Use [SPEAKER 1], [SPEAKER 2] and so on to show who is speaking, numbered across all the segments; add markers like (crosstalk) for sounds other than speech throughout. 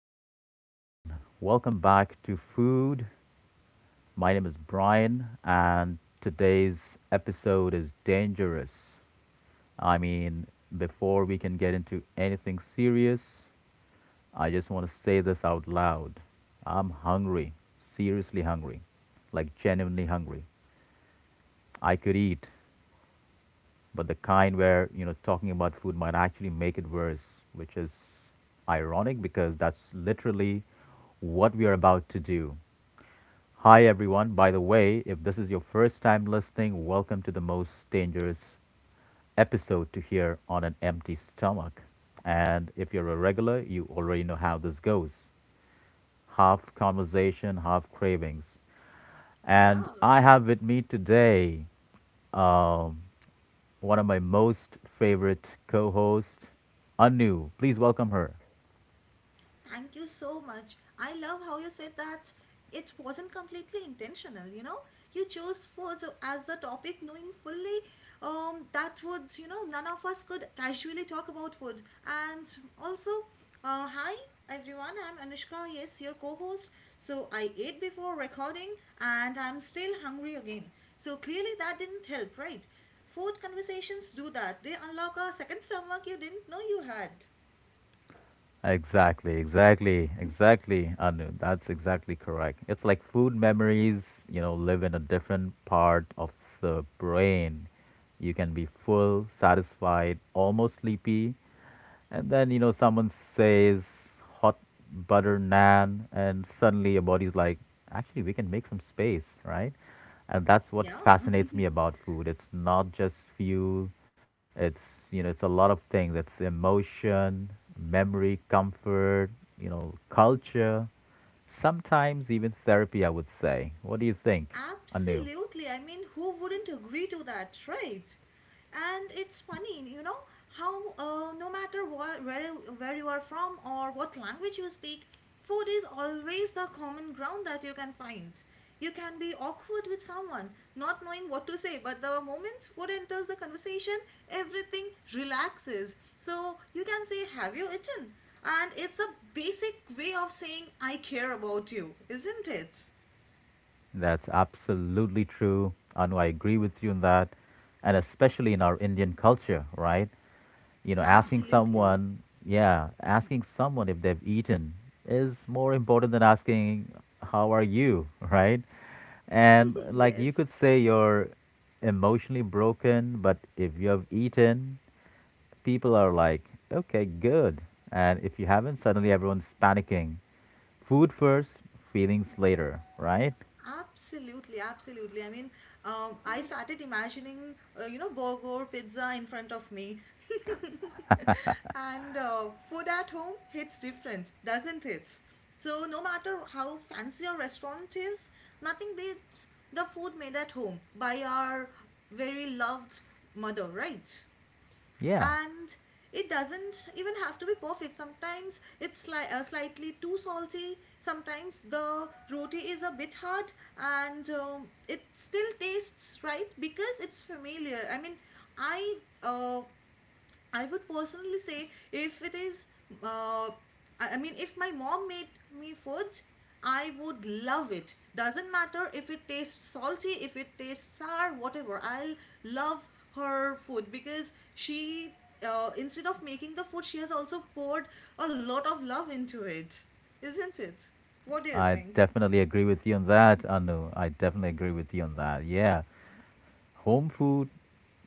[SPEAKER 1] Hello, everyone. Welcome back to Food. My name is Brian, and today's episode is dangerous. I mean, before we can get into anything serious, I just want to say this out loud. I'm hungry, seriously hungry, like genuinely hungry. I could eat, but the kind where, talking about food might actually make it worse, which is ironic because that's literally what we are about to do. Hi, everyone. By the way, if this is your first time listening, welcome to the most dangerous episode to hear on an empty stomach. And if you're a regular, you already know how this goes, half conversation, half cravings. And
[SPEAKER 2] Yeah,
[SPEAKER 1] I have with me today um, one of my most favorite co hosts, Anu. Please welcome her.
[SPEAKER 2] Thank you so much. I love how you said that it wasn't completely intentional, you know? You chose food as the topic knowing fully that would, none of us could casually talk about food. And also, hi everyone, I'm Anushka, yes, your co-host. So I ate before recording and I'm still hungry again. So clearly that didn't help, right? Food conversations do that. They unlock a second stomach you didn't know you had.
[SPEAKER 1] Exactly, exactly, exactly, Anu. That's exactly correct. It's like food memories, live in a different part of the brain. You can be full, satisfied, almost sleepy, and then, someone says hot butter naan, and suddenly your body's like, actually, we can make some space, right? And that's what
[SPEAKER 2] Yeah.
[SPEAKER 1] fascinates me
[SPEAKER 2] (laughs)
[SPEAKER 1] about food. It's not just fuel, it's a lot of things. It's emotion, memory, comfort, culture, sometimes even therapy, I would say. What do you think, Anu?
[SPEAKER 2] Absolutely. I mean, who wouldn't agree to that, right? And it's funny, you know, how no matter where you are from or what language you speak, food is always the common ground that you can find. You can be awkward with someone, not knowing what to say, but the moment food enters the conversation, everything relaxes. So you can say, "Have you eaten?" And it's a basic way of saying, "I care about you," isn't it?
[SPEAKER 1] That's absolutely true. Anu, I agree with you on that. And especially in our Indian culture, right? You know,
[SPEAKER 2] Absolutely.
[SPEAKER 1] yeah, asking someone if they've eaten is more important than asking, how are you, (laughs) right? And like you could
[SPEAKER 2] Yes,
[SPEAKER 1] say you're emotionally broken, but if you have eaten, people are like, okay, good. And if you haven't, suddenly everyone's panicking. Food first, feelings later, right?
[SPEAKER 2] absolutely, absolutely. I mean, I started imagining, you know, burger, pizza in front of me. (laughs) And food at home hits different, doesn't it? So, no matter how fancy a restaurant is, nothing beats the food made at home by our very loved mother, right?
[SPEAKER 1] Yeah,
[SPEAKER 2] And it doesn't even have to be perfect. Sometimes it's slightly too salty. Sometimes the roti is a bit hard, and it still tastes right because it's familiar. I mean, i uh, I would personally say if it is, uh, I mean, if my mom made me food, I would love it. Doesn't matter if it tastes salty, if it tastes sour, whatever. I'll love her food because she, instead of making the food, she has also poured a lot of love into it. Isn't it? What do you
[SPEAKER 1] I
[SPEAKER 2] think?
[SPEAKER 1] definitely agree with you on that, Anu. I definitely agree with you on that. Yeah. Home food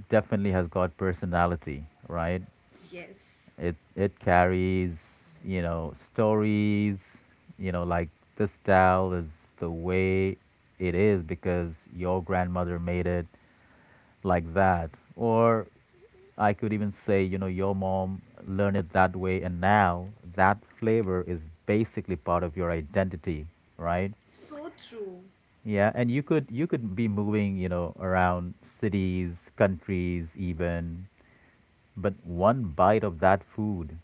[SPEAKER 1] definitely has got personality, right?
[SPEAKER 2] Yes.
[SPEAKER 1] It carries, stories, like this style is the way it is because your grandmother made it like that. Or I could even say, your mom learned it that way, and now that flavor is basically part of your identity, right?
[SPEAKER 2] So true.
[SPEAKER 1] Yeah, and you could be moving, around cities, countries even, but one bite of that food,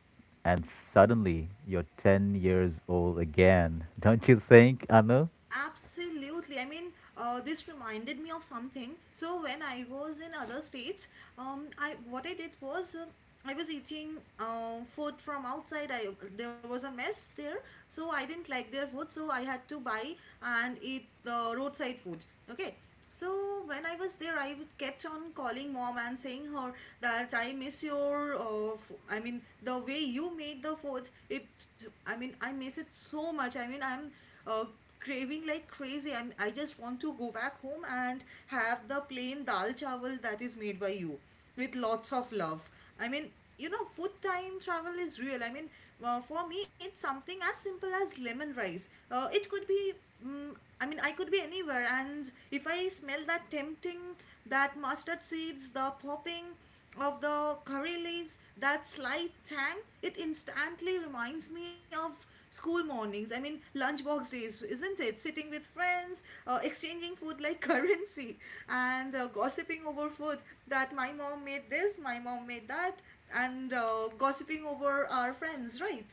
[SPEAKER 1] and suddenly you're 10 years old again. (laughs) Don't you think, Anu?
[SPEAKER 2] Absolutely. I mean, this reminded me of something. So when I was in other states, I what I did was, I was eating food from outside. I There was a mess there, so I didn't like their food, so I had to buy and eat the roadside food. Okay. So when I was there, I would kept on calling mom and saying her that I miss your, I mean, the way you made the food. I mean, I miss it so much. I mean, I'm uh, craving like crazy. I just want to go back home and have the plain dal chawal that is made by you with lots of love. I mean, you know, food time travel is real. I mean, for me, it's something as simple as lemon rice. It could be. Mm I mean, I could be anywhere, and if I smell that tempting, that mustard seeds, the popping of the curry leaves, that slight tang, it instantly reminds me of school mornings. I mean, lunchbox days, isn't it? Sitting with friends, exchanging food like (laughs) currency, and gossiping over food that my mom made this, my mom made that, and gossiping over our friends, right?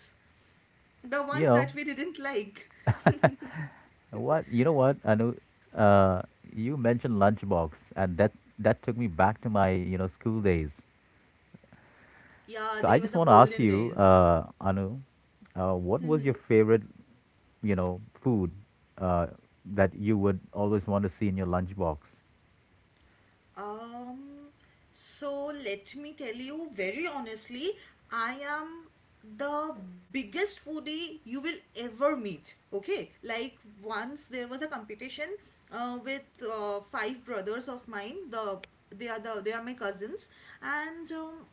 [SPEAKER 2] The ones
[SPEAKER 1] You
[SPEAKER 2] that we
[SPEAKER 1] know,
[SPEAKER 2] didn't like. (laughs)
[SPEAKER 1] You know what, Anu? Uh, you mentioned lunchbox, and that took me back to my, school days.
[SPEAKER 2] Yeah,
[SPEAKER 1] So I
[SPEAKER 2] they were
[SPEAKER 1] just
[SPEAKER 2] the
[SPEAKER 1] want to ask
[SPEAKER 2] golden
[SPEAKER 1] you,
[SPEAKER 2] days.
[SPEAKER 1] Anu, what was your favorite, food uh, that you would always want to see in your lunchbox?
[SPEAKER 2] Um, so let me tell you very honestly, I am the biggest foodie you will ever meet. Okay, like once there was a competition with five brothers of mine. They are they are my cousins, and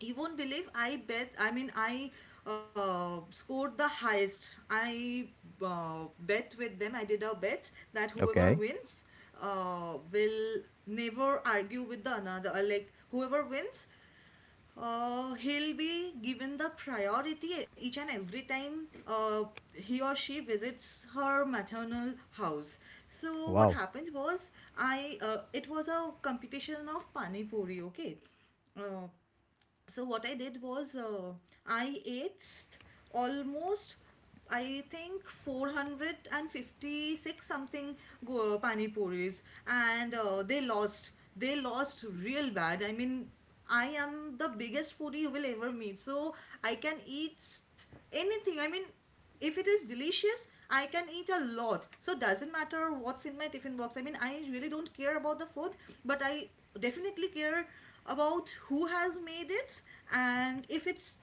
[SPEAKER 2] you won't believe. I bet. I mean, I scored the highest. I bet with them. I did a bet that whoever
[SPEAKER 1] Okay.
[SPEAKER 2] wins will never argue with the another, like whoever wins, he'll be given the priority each and every time he or she visits her maternal house. So what
[SPEAKER 1] Wow.
[SPEAKER 2] happened was, I it was a competition of pani puri. Okay, uh, so what I did was, I ate almost, I think, 456 something go pani puris, and they lost real bad. I mean, I am the biggest foodie you will ever meet, so I can eat anything. I mean, if it is delicious, I can eat a lot. So doesn't matter what's in my tiffin box. I mean, I really don't care about the food, but I definitely care about who has made it, and if it's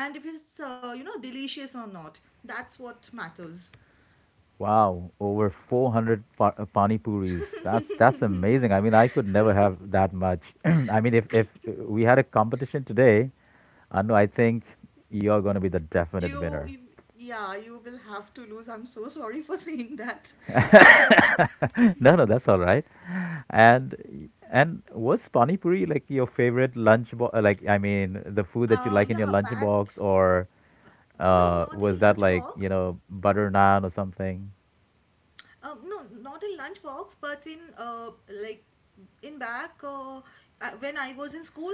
[SPEAKER 2] and if it's you know, delicious or not. That's what matters.
[SPEAKER 1] Wow, over 400 pani puris. That's amazing. I mean, I could never have that much. (clears throat) I mean, if we had a competition today, Anu, I think you're going to be the definite
[SPEAKER 2] You
[SPEAKER 1] winner.
[SPEAKER 2] yeah, you will have to lose. I'm so sorry for saying that. (laughs)
[SPEAKER 1] (laughs) No, no, that's all right. And and was pani puri like your favorite like I mean, the food that you like in your
[SPEAKER 2] Yeah, back.
[SPEAKER 1] lunchbox, or
[SPEAKER 2] No, not in
[SPEAKER 1] was that like,
[SPEAKER 2] lunchbox.
[SPEAKER 1] butter naan or something?
[SPEAKER 2] No, not in lunchbox, but in like, in back. When I was in school,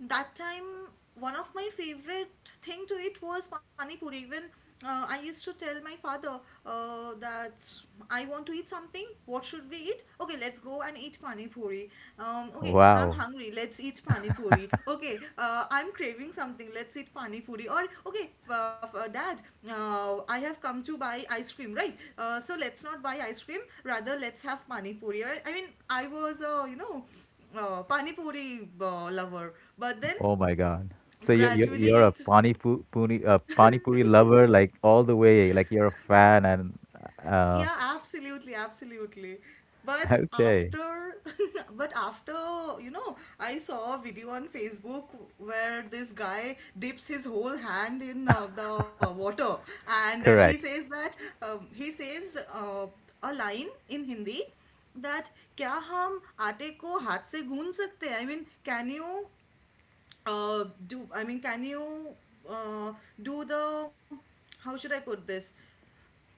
[SPEAKER 2] that time one of my favorite thing to eat was pani puri. Even I used to tell my father that I want to eat something. What should we eat? Okay, let's go and eat pani puri. Okay, I'm
[SPEAKER 1] Wow.
[SPEAKER 2] hungry. Let's eat pani puri. Okay, I'm craving something. Let's eat pani puri. Or okay, Dad, I have come to buy ice cream, right? So let's not buy ice cream. Rather, let's have pani puri. I mean, I was a, you know, pani puri lover, but then
[SPEAKER 1] Oh my God. So you you
[SPEAKER 2] gradually
[SPEAKER 1] you're a
[SPEAKER 2] it...
[SPEAKER 1] pani pu- puri a pani puri lover, like all the way, like you're a fan, and uh
[SPEAKER 2] Yeah, absolutely, absolutely.
[SPEAKER 1] (laughs)
[SPEAKER 2] But
[SPEAKER 1] okay,
[SPEAKER 2] after, (laughs) but after, you know, I saw a video on Facebook where this guy dips his whole hand in the water, and he
[SPEAKER 1] correct,
[SPEAKER 2] says that he says a line in Hindi that क्या हम आटे को हाथ से गूंद सकते हैं? I mean, can you do? I mean, can you uh, do the? How should I put this?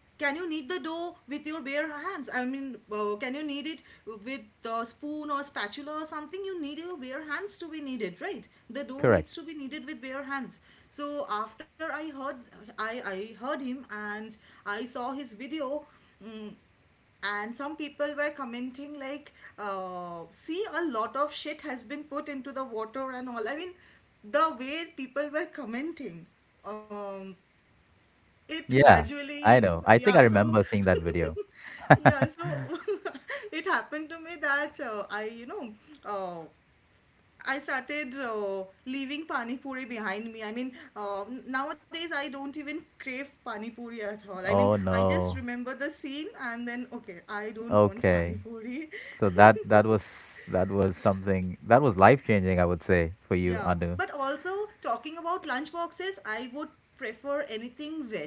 [SPEAKER 2] Can you knead the dough with your bare hands? I mean, can you knead it with a spoon or spatula or something? You need your bare hands to be kneaded, right? The dough
[SPEAKER 1] correct,
[SPEAKER 2] needs to be kneaded with bare hands. So after I heard him and I saw his video, mm, and some people were commenting like, see, a lot of shit has been put into the water and all. I mean, the way people were commenting, um it
[SPEAKER 1] yeah.
[SPEAKER 2] gradually,
[SPEAKER 1] I know, I
[SPEAKER 2] yeah,
[SPEAKER 1] think I
[SPEAKER 2] so,
[SPEAKER 1] remember seeing that video.
[SPEAKER 2] (laughs) yeah, so (laughs) it happened to me that I, you know, uh, I started leaving pani puri behind me. I mean, nowadays I don't even crave pani puri at all. I mean,
[SPEAKER 1] Oh
[SPEAKER 2] I just
[SPEAKER 1] no.
[SPEAKER 2] remember the scene and then, okay, I don't want pani
[SPEAKER 1] Okay,
[SPEAKER 2] puri.
[SPEAKER 1] so that
[SPEAKER 2] (laughs)
[SPEAKER 1] that was that was something that was life changing, I would say, for you,
[SPEAKER 2] Yeah,
[SPEAKER 1] Anu.
[SPEAKER 2] but also talking about lunch boxes, I would prefer anything veg.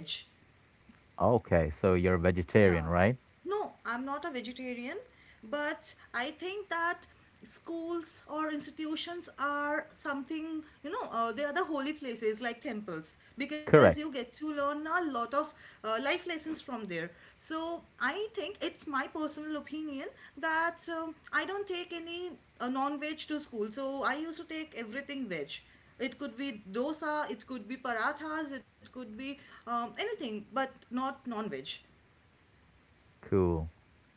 [SPEAKER 1] Okay, so you're a vegetarian,
[SPEAKER 2] Yeah.
[SPEAKER 1] right?
[SPEAKER 2] No, I'm not a vegetarian, but I think that schools or institutions are something, you know, they are the holy places like temples because you
[SPEAKER 1] Correct.
[SPEAKER 2] get to learn a lot of life lessons from there. So I think it's my personal opinion that I don't take any non-veg to school. So I used to take everything veg. It could be dosa, it could be parathas, it could be anything, but not non-veg.
[SPEAKER 1] Cool,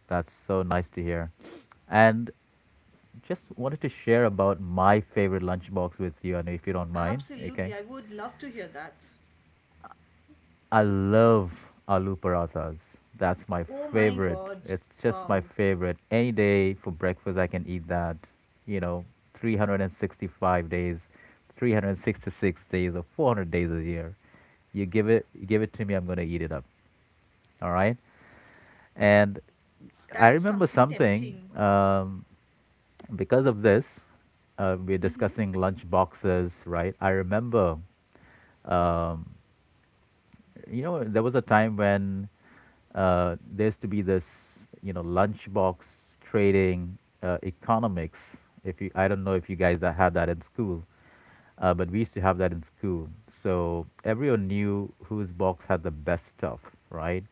[SPEAKER 1] that's so nice to hear. And just wanted to share about my favorite lunchbox with you, and if you don't mind, okay?
[SPEAKER 2] Absolutely, I would love to hear that.
[SPEAKER 1] I love aloo parathas. That's my
[SPEAKER 2] Oh my
[SPEAKER 1] favorite.
[SPEAKER 2] god,
[SPEAKER 1] It's just my
[SPEAKER 2] wow,
[SPEAKER 1] favorite. Any day for breakfast, I can eat that. You know, 365 days, 366 days, or 400 days a year. You give it to me. I'm gonna eat it up. All right. And I
[SPEAKER 2] that's
[SPEAKER 1] remember
[SPEAKER 2] something
[SPEAKER 1] something.
[SPEAKER 2] tempting.
[SPEAKER 1] Because of this, we're discussing lunch boxes, right? I remember, um, there was a time when there used to be this, lunchbox trading economics. If you, I don't know if you guys that had that in school, but we used to have that in school. So everyone knew whose box had the best stuff, right?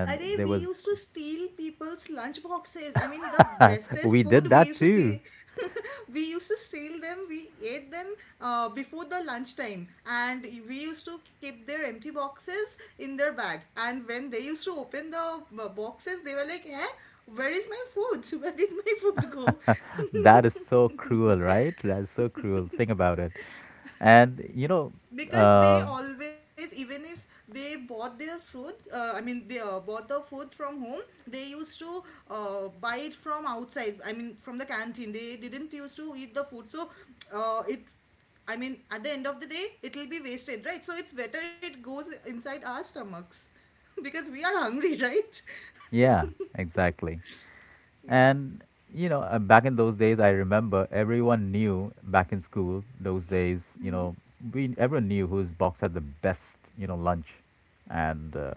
[SPEAKER 2] Are
[SPEAKER 1] there
[SPEAKER 2] we
[SPEAKER 1] was,
[SPEAKER 2] used to steal people's lunch boxes. I mean, the
[SPEAKER 1] (laughs)
[SPEAKER 2] bestest
[SPEAKER 1] we did
[SPEAKER 2] food we
[SPEAKER 1] that
[SPEAKER 2] used to
[SPEAKER 1] too.
[SPEAKER 2] steal. (laughs) We used to steal them. We ate them before the lunchtime, and we used to keep their empty boxes in their bag. And when they used to open the boxes, they were like, "Eh, where is my food? (laughs) Where did my food go?"
[SPEAKER 1] That is
[SPEAKER 2] (laughs)
[SPEAKER 1] so cruel, right? That is so cruel. Think about it. And
[SPEAKER 2] Because they
[SPEAKER 1] uh,
[SPEAKER 2] always, even if they bought their fruits, I mean, they bought the food from home, they used to buy it from outside. I mean, from the canteen, they didn't used to eat the food. So it I mean, at the end of the day, it will be wasted, right? So it's better it goes inside our stomachs (laughs) because we are hungry, right? (laughs)
[SPEAKER 1] yeah, exactly.
[SPEAKER 2] Yeah,
[SPEAKER 1] And back in those days, I remember everyone knew back in school those days. We everyone knew whose box had the best lunch, and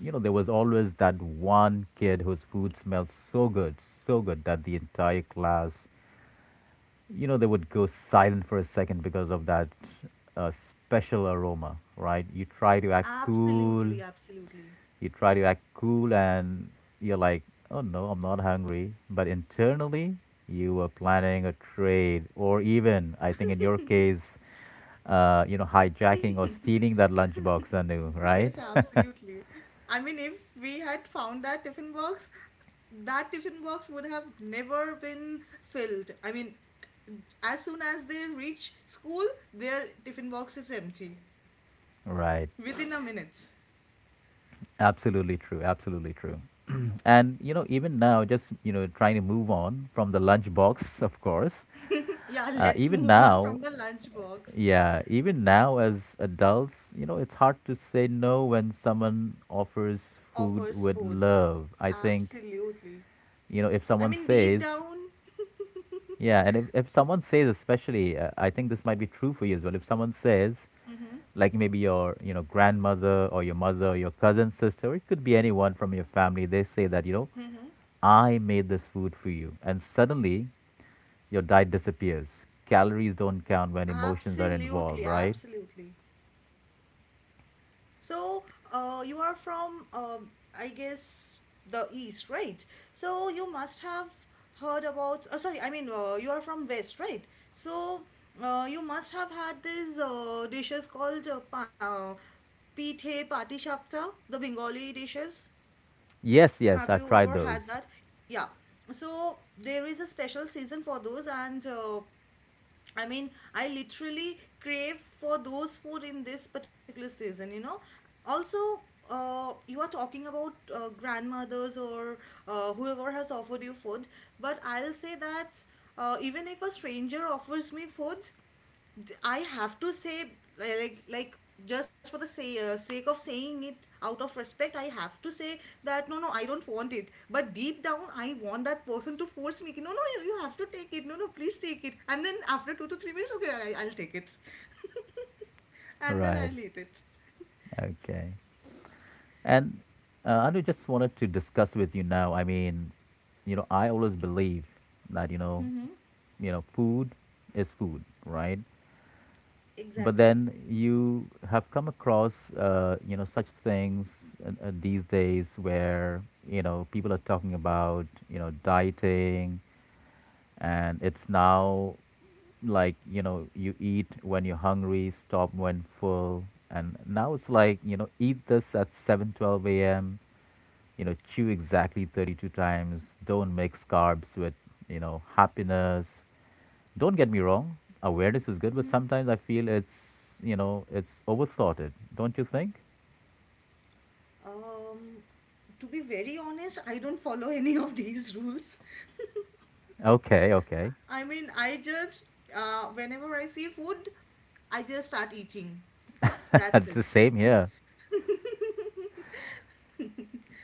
[SPEAKER 1] there was always that one kid whose food smelled so good, so good that the entire class, they would go silent for a second because of that special aroma. Right?
[SPEAKER 2] absolutely, absolutely.
[SPEAKER 1] You try to act cool and you're like, oh no, I'm not hungry. But internally, you were planning a trade, or even, I think in your case, hijacking or stealing that lunchbox anew,
[SPEAKER 2] Yes,
[SPEAKER 1] right?
[SPEAKER 2] absolutely. I mean, if we had found that tiffin box would have never been filled. I mean, as soon as they reach school, their tiffin box is empty
[SPEAKER 1] (laughs) Right.
[SPEAKER 2] within a minute. (laughs)
[SPEAKER 1] Absolutely true. Absolutely true. And even now, just trying to move on from the lunchbox, of course.
[SPEAKER 2] Yeah,
[SPEAKER 1] Uh,
[SPEAKER 2] let's
[SPEAKER 1] even
[SPEAKER 2] move on
[SPEAKER 1] now,
[SPEAKER 2] from the lunchbox.
[SPEAKER 1] Yeah, even now as adults, it's hard to say no when someone offers food
[SPEAKER 2] Offers
[SPEAKER 1] with
[SPEAKER 2] food.
[SPEAKER 1] love. I think,
[SPEAKER 2] Absolutely.
[SPEAKER 1] if
[SPEAKER 2] I
[SPEAKER 1] someone
[SPEAKER 2] mean, deep
[SPEAKER 1] says,
[SPEAKER 2] down, (laughs)
[SPEAKER 1] yeah, and if someone says, especially, I think this might be true for you as well. If someone says,
[SPEAKER 2] mm-hmm.
[SPEAKER 1] like maybe your, grandmother or your mother or your cousin, sister, or it could be anyone from your family, they say that,
[SPEAKER 2] Mm-hmm.
[SPEAKER 1] I made this food for you. And suddenly your diet disappears. Calories don't count when emotions are involved,
[SPEAKER 2] Absolutely,
[SPEAKER 1] right?
[SPEAKER 2] absolutely. So, you are from, I guess, the east, right? So you must have heard about. Sorry, I mean, you are from west, right? So, you must have had these dishes called, pithe patishapta, the Bengali dishes.
[SPEAKER 1] Yes, yes,
[SPEAKER 2] Have
[SPEAKER 1] I've
[SPEAKER 2] you
[SPEAKER 1] tried
[SPEAKER 2] ever had
[SPEAKER 1] those.
[SPEAKER 2] that? Yeah. So there is a special season for those, and I mean, I literally crave for those food in this particular season, you know. Also, you are talking about grandmothers or whoever has offered you food, but I'll say that even if a stranger offers me food, I have to say like like just for the sake of saying it out of respect I have to say that no, no, I don't want it, but deep down I want that person to force me. No, no, you have to take it. No, no, please take it. And then after 2 to 3 minutes, okay, I'll take it and then
[SPEAKER 1] Right.
[SPEAKER 2] I'll eat it.
[SPEAKER 1] Okay. And I just wanted to discuss with you now. I mean, I always believe that food is food, right? But
[SPEAKER 2] Exactly.
[SPEAKER 1] then you have come across, such things these days, where people are talking about dieting, and it's now like you eat when you're hungry, stop when full, and now it's like eat this at 7:12 a.m., chew exactly 32 times, don't mix carbs with happiness. Don't get me wrong, awareness is good, but sometimes I feel it's overthoughted, don't you think?
[SPEAKER 2] um to be very honest, I don't follow any of these rules.
[SPEAKER 1] Okay, okay.
[SPEAKER 2] I mean, I just whenever I see food, I just start eating. That's
[SPEAKER 1] (laughs) It's
[SPEAKER 2] it.
[SPEAKER 1] the same here.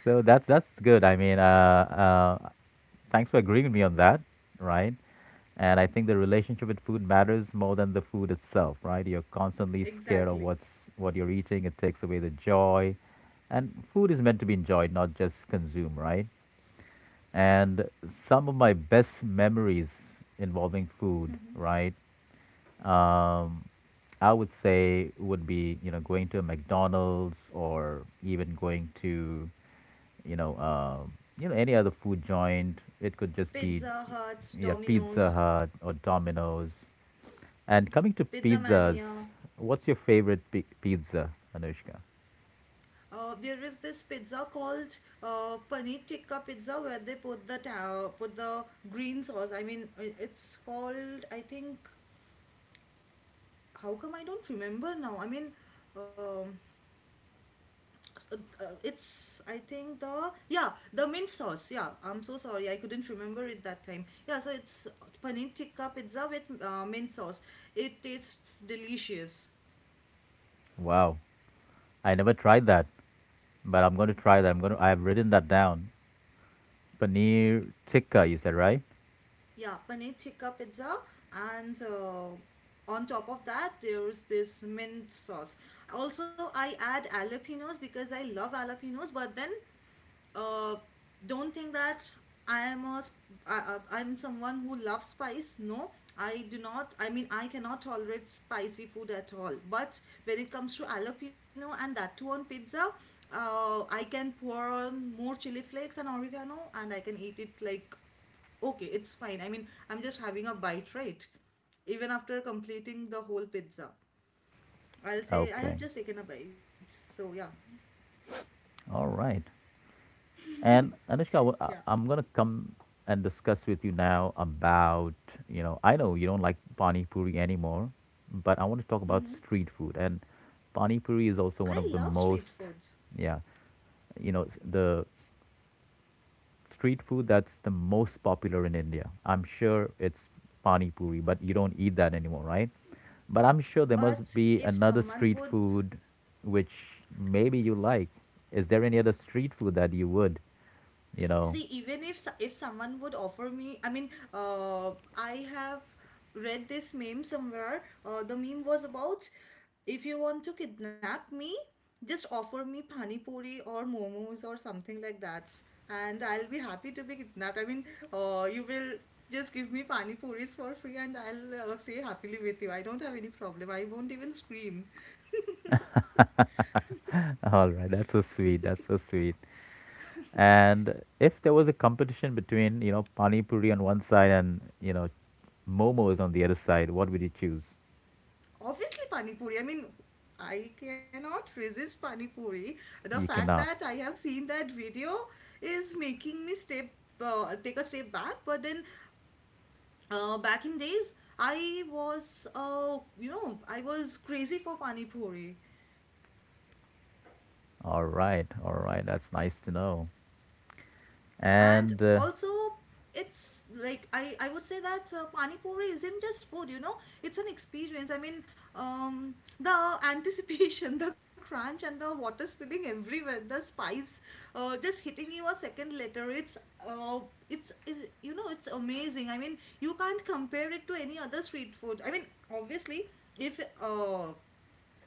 [SPEAKER 1] So that's good. I mean, thanks for agreeing with me on that, right? And I think the relationship with food matters more than the food itself, right? You're constantly scared of
[SPEAKER 2] Exactly.
[SPEAKER 1] what you're eating. It takes away the joy. And food is meant to be enjoyed, not just consumed, right? And some of my best memories involving food, right? um, I would say would be going to a McDonald's or even going to you know um, any other food joint. It could just be,
[SPEAKER 2] Pizza Huts,
[SPEAKER 1] yeah, Pizza
[SPEAKER 2] Domino's,
[SPEAKER 1] Hut or Domino's. And coming to
[SPEAKER 2] Pizza
[SPEAKER 1] pizzas,
[SPEAKER 2] Mania.
[SPEAKER 1] what's your favorite pizza, Anushka?
[SPEAKER 2] There is this pizza called paneer tikka pizza where they put the put the green sauce. I mean, it's called, I think. How come I don't remember now? I mean, um, s- uh, it's, I think, the, yeah, the mint sauce. Yeah, I'm so sorry I couldn't remember it that time. Yeah, so it's paneer tikka pizza with mint sauce. It tastes delicious.
[SPEAKER 1] Wow, I never tried that, but I'm going to try that. I'm going to. I've written that down. Paneer tikka, you said, right?
[SPEAKER 2] Yeah, paneer tikka pizza, and on top of that, there's this mint sauce. Also, I add jalapenos because I love jalapenos, but then uh, don't think that I am a I'm someone who loves spice. No, I do not. I mean, I cannot tolerate spicy food at all. But when it comes to jalapeno and that too on pizza, I can pour on more chili flakes and oregano, and I can eat it like, okay, it's fine. I mean, I'm just having a bite, right? Even after completing the whole pizza, I'll say I have
[SPEAKER 1] Okay,
[SPEAKER 2] just taken a bite. So yeah,
[SPEAKER 1] all right. And Anushka, I-
[SPEAKER 2] yeah.
[SPEAKER 1] I'm gonna come and discuss with you now about, I know you don't like pani puri anymore, but I want to talk about street food, and pani puri is also
[SPEAKER 2] I
[SPEAKER 1] one of
[SPEAKER 2] love
[SPEAKER 1] the
[SPEAKER 2] street
[SPEAKER 1] most,
[SPEAKER 2] foods.
[SPEAKER 1] yeah, the street food that's the most popular in India. I'm sure it's pani puri, but you don't eat that anymore, right? But I'm sure there must
[SPEAKER 2] But
[SPEAKER 1] be
[SPEAKER 2] if
[SPEAKER 1] another
[SPEAKER 2] someone
[SPEAKER 1] street
[SPEAKER 2] would
[SPEAKER 1] food which maybe you like. Is there any other street food that you would you know?
[SPEAKER 2] see, even if if someone would offer me, I mean, I have read this meme somewhere. The meme was about, if you want to kidnap me, just offer me pani puri or momos or something like that, and I'll be happy to be kidnapped. I mean, you will just give me pani puris for free, and I'll stay happily with you. I don't have any problem. I won't even scream.
[SPEAKER 1] (laughs) All right, that's so sweet. That's so sweet. And if there was a competition between, pani puri on one side and, momos on the other side, what would you choose?
[SPEAKER 2] Obviously pani puri. I mean, I cannot resist pani puri. The
[SPEAKER 1] You
[SPEAKER 2] fact that
[SPEAKER 1] cannot.
[SPEAKER 2] I have seen that video is making me step take a step back. But then, back in days, I was you know, I was crazy for pani puri.
[SPEAKER 1] All right, all right. That's nice to know.
[SPEAKER 2] And
[SPEAKER 1] And
[SPEAKER 2] also, it's like I would say that pani puri isn't just food, you know, it's an experience. I mean, the anticipation, (laughs) the crunch and the water spilling everywhere, the spice just hitting you a second later. Uh, it's it, you know, it's amazing. I mean, you can't compare it to any other street food. I mean, obviously, if uh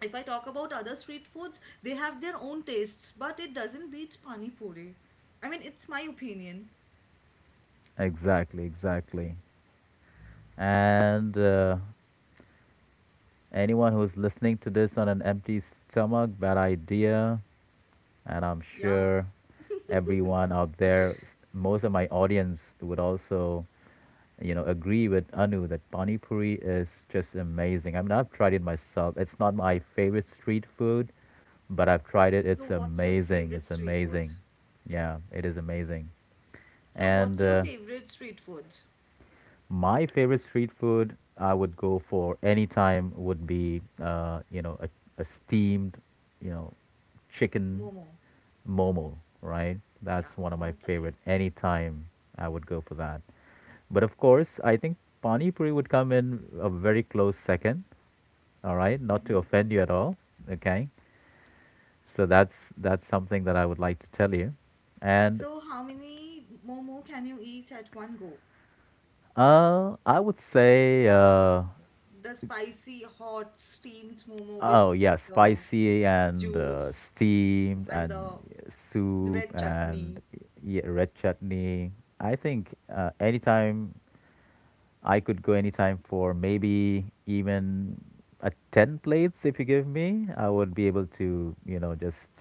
[SPEAKER 2] if I talk about other street foods, they have their own tastes, but it doesn't beat pani puri. I mean, it's my opinion.
[SPEAKER 1] exactly, exactly. And anyone who's listening to this on an empty stomach, bad idea. And I'm
[SPEAKER 2] Yeah.
[SPEAKER 1] sure everyone out there, most of my audience would also agree with Anu that pani puri is just amazing. I mean, I've tried it myself. It's not my favorite street food, but I've tried it.
[SPEAKER 2] So
[SPEAKER 1] It's
[SPEAKER 2] what's your
[SPEAKER 1] amazing.
[SPEAKER 2] favorite
[SPEAKER 1] It's
[SPEAKER 2] street food?
[SPEAKER 1] amazing. Yeah, it is amazing.
[SPEAKER 2] So
[SPEAKER 1] And
[SPEAKER 2] what's your favorite street food?
[SPEAKER 1] my favorite street food I would go for any time would be, a, steamed, you know, chicken
[SPEAKER 2] Momo.
[SPEAKER 1] Momo, right?
[SPEAKER 2] Yeah.
[SPEAKER 1] That's one of my favorite.
[SPEAKER 2] Okay.
[SPEAKER 1] Anytime I would go for that. But of course, I think Pani Puri would come in a very close second. All right, not to
[SPEAKER 2] Mm-hmm.
[SPEAKER 1] offend you at all. Okay, so that's something that I would like to tell you, and
[SPEAKER 2] So how many momo can you eat at one go?
[SPEAKER 1] I would say
[SPEAKER 2] The spicy, hot, steamed momo with
[SPEAKER 1] oh yeah,
[SPEAKER 2] the
[SPEAKER 1] spicy and
[SPEAKER 2] juice
[SPEAKER 1] steamed
[SPEAKER 2] and
[SPEAKER 1] and
[SPEAKER 2] the
[SPEAKER 1] soup
[SPEAKER 2] red
[SPEAKER 1] and
[SPEAKER 2] chutney.
[SPEAKER 1] yeah, red chutney. I think anytime I could go anytime for maybe even a 10 plates if you give me. I would be able to, you know, just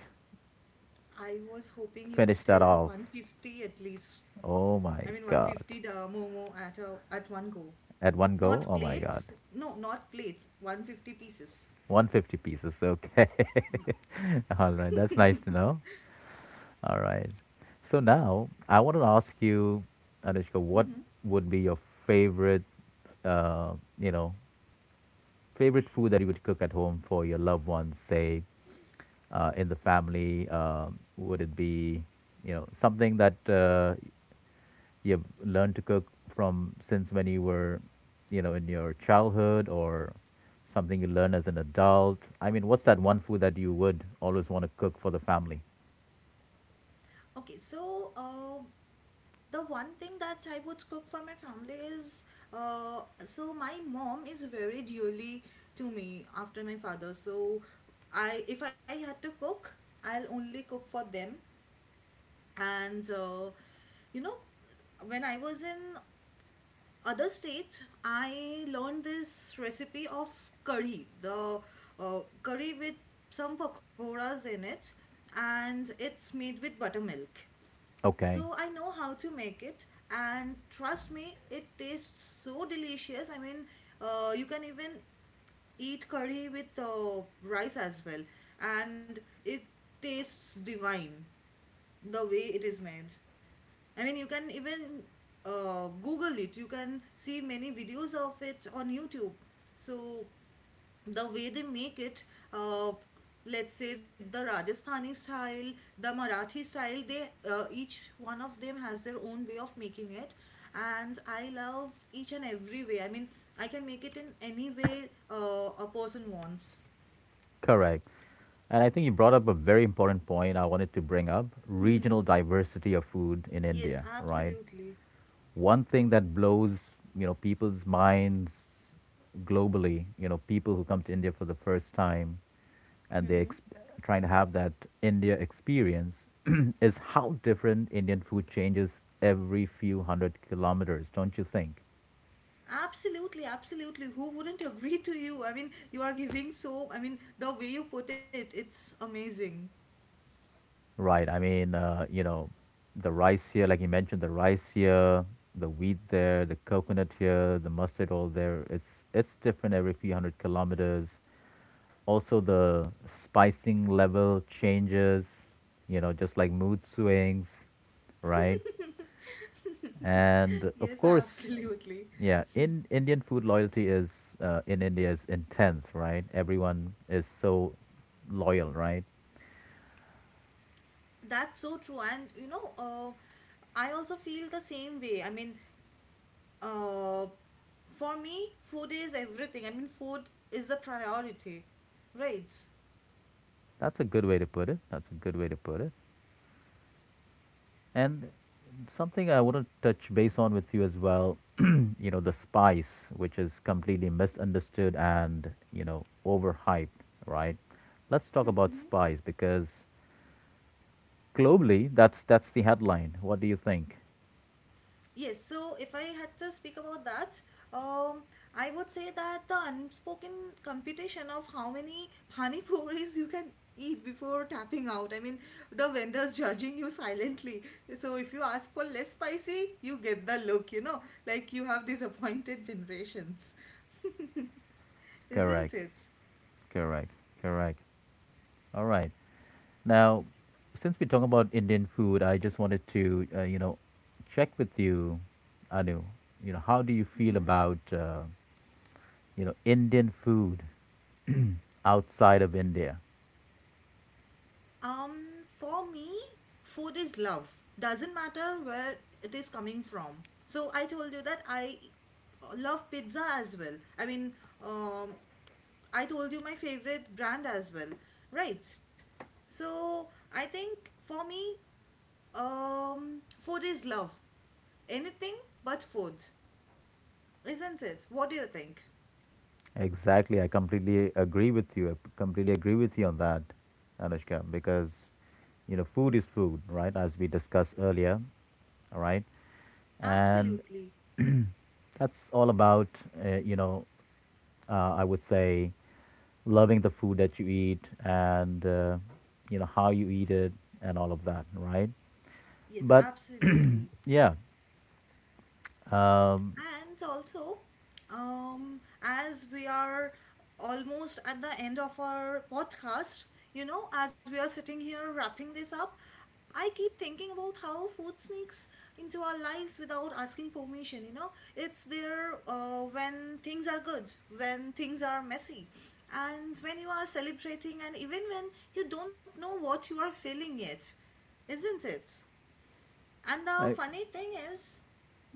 [SPEAKER 2] I was hoping you would
[SPEAKER 1] finish
[SPEAKER 2] tell
[SPEAKER 1] that off.
[SPEAKER 2] 150 at least.
[SPEAKER 1] Oh my
[SPEAKER 2] I mean
[SPEAKER 1] God.
[SPEAKER 2] 150 the momo at a at one go.
[SPEAKER 1] At one go?
[SPEAKER 2] Not
[SPEAKER 1] Oh my God.
[SPEAKER 2] plates? No, not plates. 150 pieces.
[SPEAKER 1] 150 pieces. Okay.
[SPEAKER 2] Yeah.
[SPEAKER 1] (laughs) All right. That's
[SPEAKER 2] (laughs)
[SPEAKER 1] nice to know. All right. So now I want to ask you, Anushka, what would be your favorite, uh, you know, favorite food that you would cook at home for your loved ones, say in the family? Would it be, you know, something that you've learned to cook from since when you were, you know, in your childhood, or something you learn as an adult? I mean, what's that one food that you would always want to cook for the family?
[SPEAKER 2] Okay, so the one thing that I would cook for my family is so my mom is very dearly to me after my father. So I, if I had to cook, I'll only cook for them. And you know, when I was in other states, I learned this recipe of curry, the curry with some pakoras in it, and it's made with buttermilk.
[SPEAKER 1] Okay,
[SPEAKER 2] So I know how to make it, and trust me, it tastes so delicious. I mean, you can even eat curry with rice as well, and it tastes divine the way it is made. I mean, you can even Google it. You can see many videos of it on YouTube. So the way they make it, uh, let's say, the Rajasthani style, the Marathi style, they each one of them has their own way of making it, and I love each and every way. I mean, I can make it in any way a person wants.
[SPEAKER 1] correct. And I think you brought up a very important point I wanted to bring up
[SPEAKER 2] Mm-hmm.
[SPEAKER 1] regional diversity of food in
[SPEAKER 2] Yes,
[SPEAKER 1] India, right?
[SPEAKER 2] absolutely.
[SPEAKER 1] One thing that blows, you know, people's minds globally, you know, people who come to India for the first time and trying to have that India experience (clears throat) is how different Indian food changes every few hundred kilometers, don't you think?
[SPEAKER 2] Absolutely, absolutely. Who wouldn't agree to you? I mean, you are giving so, I mean, the way you put it, it's amazing.
[SPEAKER 1] Right, I mean, you know, the rice here, the wheat there, the coconut here, the mustard all there, it's different every few hundred kilometers. Also the spicing level changes, you know, just like mood swings, right?
[SPEAKER 2] (laughs)
[SPEAKER 1] And of
[SPEAKER 2] Yes,
[SPEAKER 1] course,
[SPEAKER 2] absolutely.
[SPEAKER 1] yeah, in Indian food loyalty is in India is intense, right? Everyone is so loyal, right?
[SPEAKER 2] That's so true. And you know, I also feel the same way. I mean, uh, for me, food is everything. I mean, food is the priority, right?
[SPEAKER 1] That's a good way to put it. That's a good way to put it. And something I want to touch base on with you as well, (clears throat) you know, the spice, which is completely misunderstood and, you know, overhyped, right? Let's talk about spice because globally, that's the headline. What do you think?
[SPEAKER 2] Yes, so if I had to speak about that, um, I would say that the unspoken competition of how many pani (laughs) puris you can eat before tapping out. I mean, the vendors judging you silently. So if you ask for less spicy, you get the look, you know, like you have disappointed generations, (laughs) isn't
[SPEAKER 1] Correct.
[SPEAKER 2] it?
[SPEAKER 1] Correct. Correct. All right. Now, since we're talking about Indian food, I just wanted to, you know, check with you, Anu. You know, how do you feel about, you know, Indian food outside of India?
[SPEAKER 2] For me, food is love. Doesn't matter where it is coming from. So I told you that I love pizza as well. I mean, um, I told you my favorite brand as well, right? So I think for me, food is love. Anything but food, isn't it? What do you think?
[SPEAKER 1] Exactly. I completely agree with you. I completely agree with you on that, Anushka, because, you know, food is food, right? As we discussed earlier, all right? And
[SPEAKER 2] Absolutely.
[SPEAKER 1] that's all about, you know, I would say loving the food that you eat and, you know, how you eat it and all of that, right?
[SPEAKER 2] Yes,
[SPEAKER 1] But
[SPEAKER 2] absolutely.
[SPEAKER 1] yeah, um,
[SPEAKER 2] And also, as we are almost at the end of our podcast, you know, as we are sitting here wrapping this up, I keep thinking about how food sneaks into our lives without asking permission. You know, it's there when things are good, when things are messy, and when you are celebrating, and even when you don't know what you are feeling yet, isn't it? And the
[SPEAKER 1] I,
[SPEAKER 2] funny thing is,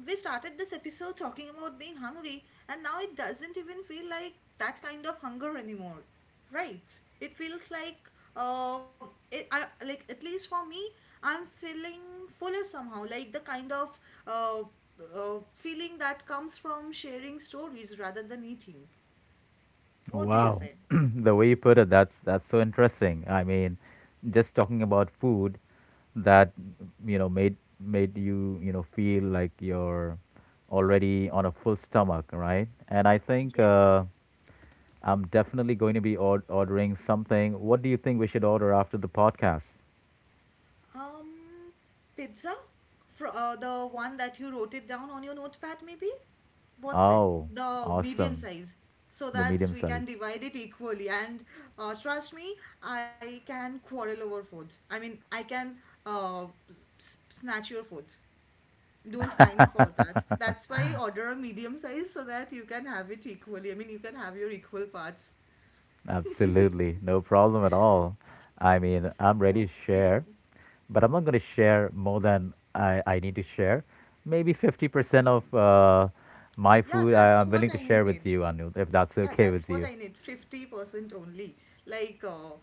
[SPEAKER 2] we started this episode talking about being hungry, and now it doesn't even feel like that kind of hunger anymore, right? It feels like, it, I like at least for me, I'm feeling fuller somehow, like the kind of uh, feeling that comes from sharing stories rather than eating. What do you
[SPEAKER 1] wow,
[SPEAKER 2] say?
[SPEAKER 1] (clears throat) the way you put it, that's so interesting. I mean, just talking about food, that, you know, made you, you know, feel like you're already on a full stomach, right? And I think
[SPEAKER 2] Yes.
[SPEAKER 1] I'm definitely going to be ordering something. What do you think we should order after the podcast?
[SPEAKER 2] Um, pizza? Fro The one that you wrote it down on your notepad, maybe? What's it?
[SPEAKER 1] Oh,
[SPEAKER 2] The medium
[SPEAKER 1] awesome,
[SPEAKER 2] size. So
[SPEAKER 1] the
[SPEAKER 2] that
[SPEAKER 1] medium
[SPEAKER 2] we can
[SPEAKER 1] size.
[SPEAKER 2] divide it equally. And trust me, I can quarrel over food. I mean, I can uh, snatch your food. Don't mind for that. That's why I order a medium size so that you can have it equally. I mean, you can have your equal parts.
[SPEAKER 1] Absolutely, no problem at all. I mean, I'm ready to
[SPEAKER 2] Okay.
[SPEAKER 1] share, but I'm not going to share more than I need to share. Maybe 50% of my
[SPEAKER 2] Yeah,
[SPEAKER 1] food I,
[SPEAKER 2] that's
[SPEAKER 1] I'm
[SPEAKER 2] what
[SPEAKER 1] willing to
[SPEAKER 2] I
[SPEAKER 1] share with
[SPEAKER 2] need.
[SPEAKER 1] you, Anil, if that's
[SPEAKER 2] Yeah,
[SPEAKER 1] okay with
[SPEAKER 2] that's what
[SPEAKER 1] you.
[SPEAKER 2] I need. 50% only. Like,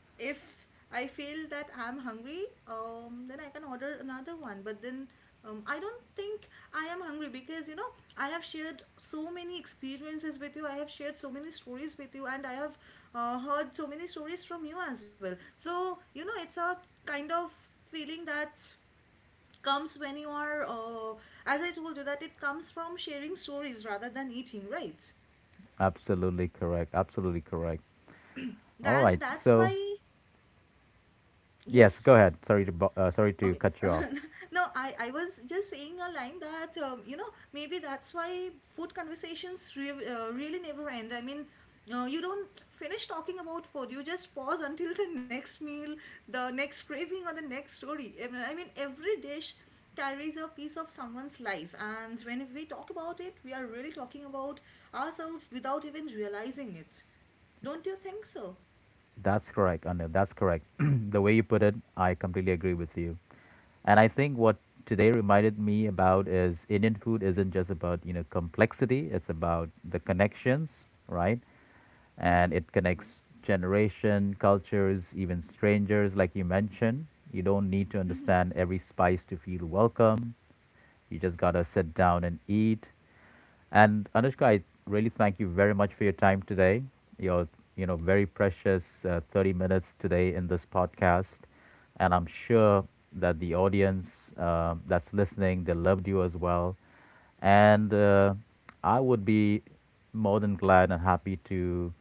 [SPEAKER 2] if I feel that I'm hungry, then I can order another one. But then I don't think I am hungry because, you know, I have shared so many experiences with you. I have shared so many stories with you, and I have heard so many stories from you as well. So, you know, it's a kind of feeling that comes when you are, as I told you, that it comes from sharing stories rather than eating, right?
[SPEAKER 1] Absolutely correct. Absolutely correct. All right.
[SPEAKER 2] And that's
[SPEAKER 1] So,
[SPEAKER 2] why
[SPEAKER 1] yes,
[SPEAKER 2] yes
[SPEAKER 1] go ahead. Sorry to sorry
[SPEAKER 2] okay.
[SPEAKER 1] to cut
[SPEAKER 2] (laughs)
[SPEAKER 1] you off.
[SPEAKER 2] No, I was just saying a line that, you know, maybe that's why food conversations really never end. I mean, you don't finish talking about food, you just pause until the next meal, the next craving, or the next story. I mean, every dish carries a piece of someone's life, and when we talk about it, we are really talking about ourselves without even realizing it, don't you think so?
[SPEAKER 1] That's correct, Anu. That's correct. (clears throat) The way you put it, I completely agree with you. And I think what today reminded me about is Indian food isn't just about, you know, complexity, it's about the connections, right? And it connects generation, cultures, even strangers like you mentioned. You don't need to
[SPEAKER 2] (laughs)
[SPEAKER 1] understand every spice to feel welcome. You just got to sit down and eat. And Anushka, I really thank you very much for your time today. Your, you know, very precious 30 minutes today in this podcast. And I'm sure that the audience that's listening, they loved you as well. And I would be more than glad and happy to,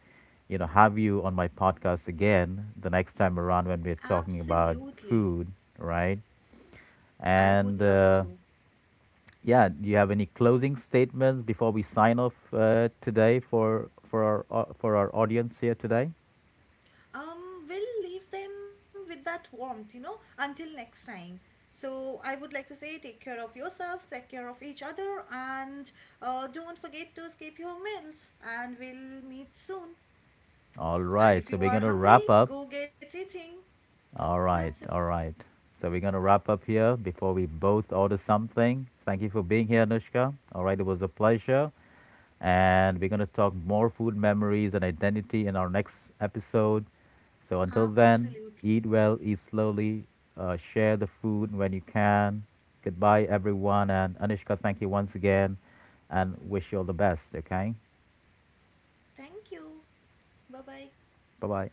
[SPEAKER 1] you know, have you on my podcast again the next time around when we're talking about
[SPEAKER 2] Absolutely.
[SPEAKER 1] food, right?
[SPEAKER 2] I would
[SPEAKER 1] And
[SPEAKER 2] love to.
[SPEAKER 1] yeah, do you have any closing statements before we sign off today for our for our audience here today?
[SPEAKER 2] We'll leave them with that warmth, you know, until next time. So I would like to say take care of yourself, take care of each other, and don't forget to escape your meals. And we'll meet soon.
[SPEAKER 1] All
[SPEAKER 2] And
[SPEAKER 1] right,
[SPEAKER 2] if
[SPEAKER 1] so
[SPEAKER 2] you
[SPEAKER 1] we're
[SPEAKER 2] are
[SPEAKER 1] gonna
[SPEAKER 2] hungry,
[SPEAKER 1] wrap up.
[SPEAKER 2] go get eating.
[SPEAKER 1] All
[SPEAKER 2] That's
[SPEAKER 1] right,
[SPEAKER 2] it.
[SPEAKER 1] all right. So we're gonna wrap up here before we both order something. Thank you for being here, Anushka. All right, it was a pleasure. And we're going to talk more food memories and identity in our next episode. So until then,
[SPEAKER 2] Absolutely.
[SPEAKER 1] eat well, eat slowly, share the food when you can. Goodbye, everyone. And Anishka, thank you once again and wish you all the best, okay?
[SPEAKER 2] Thank you. Bye bye.
[SPEAKER 1] Bye bye.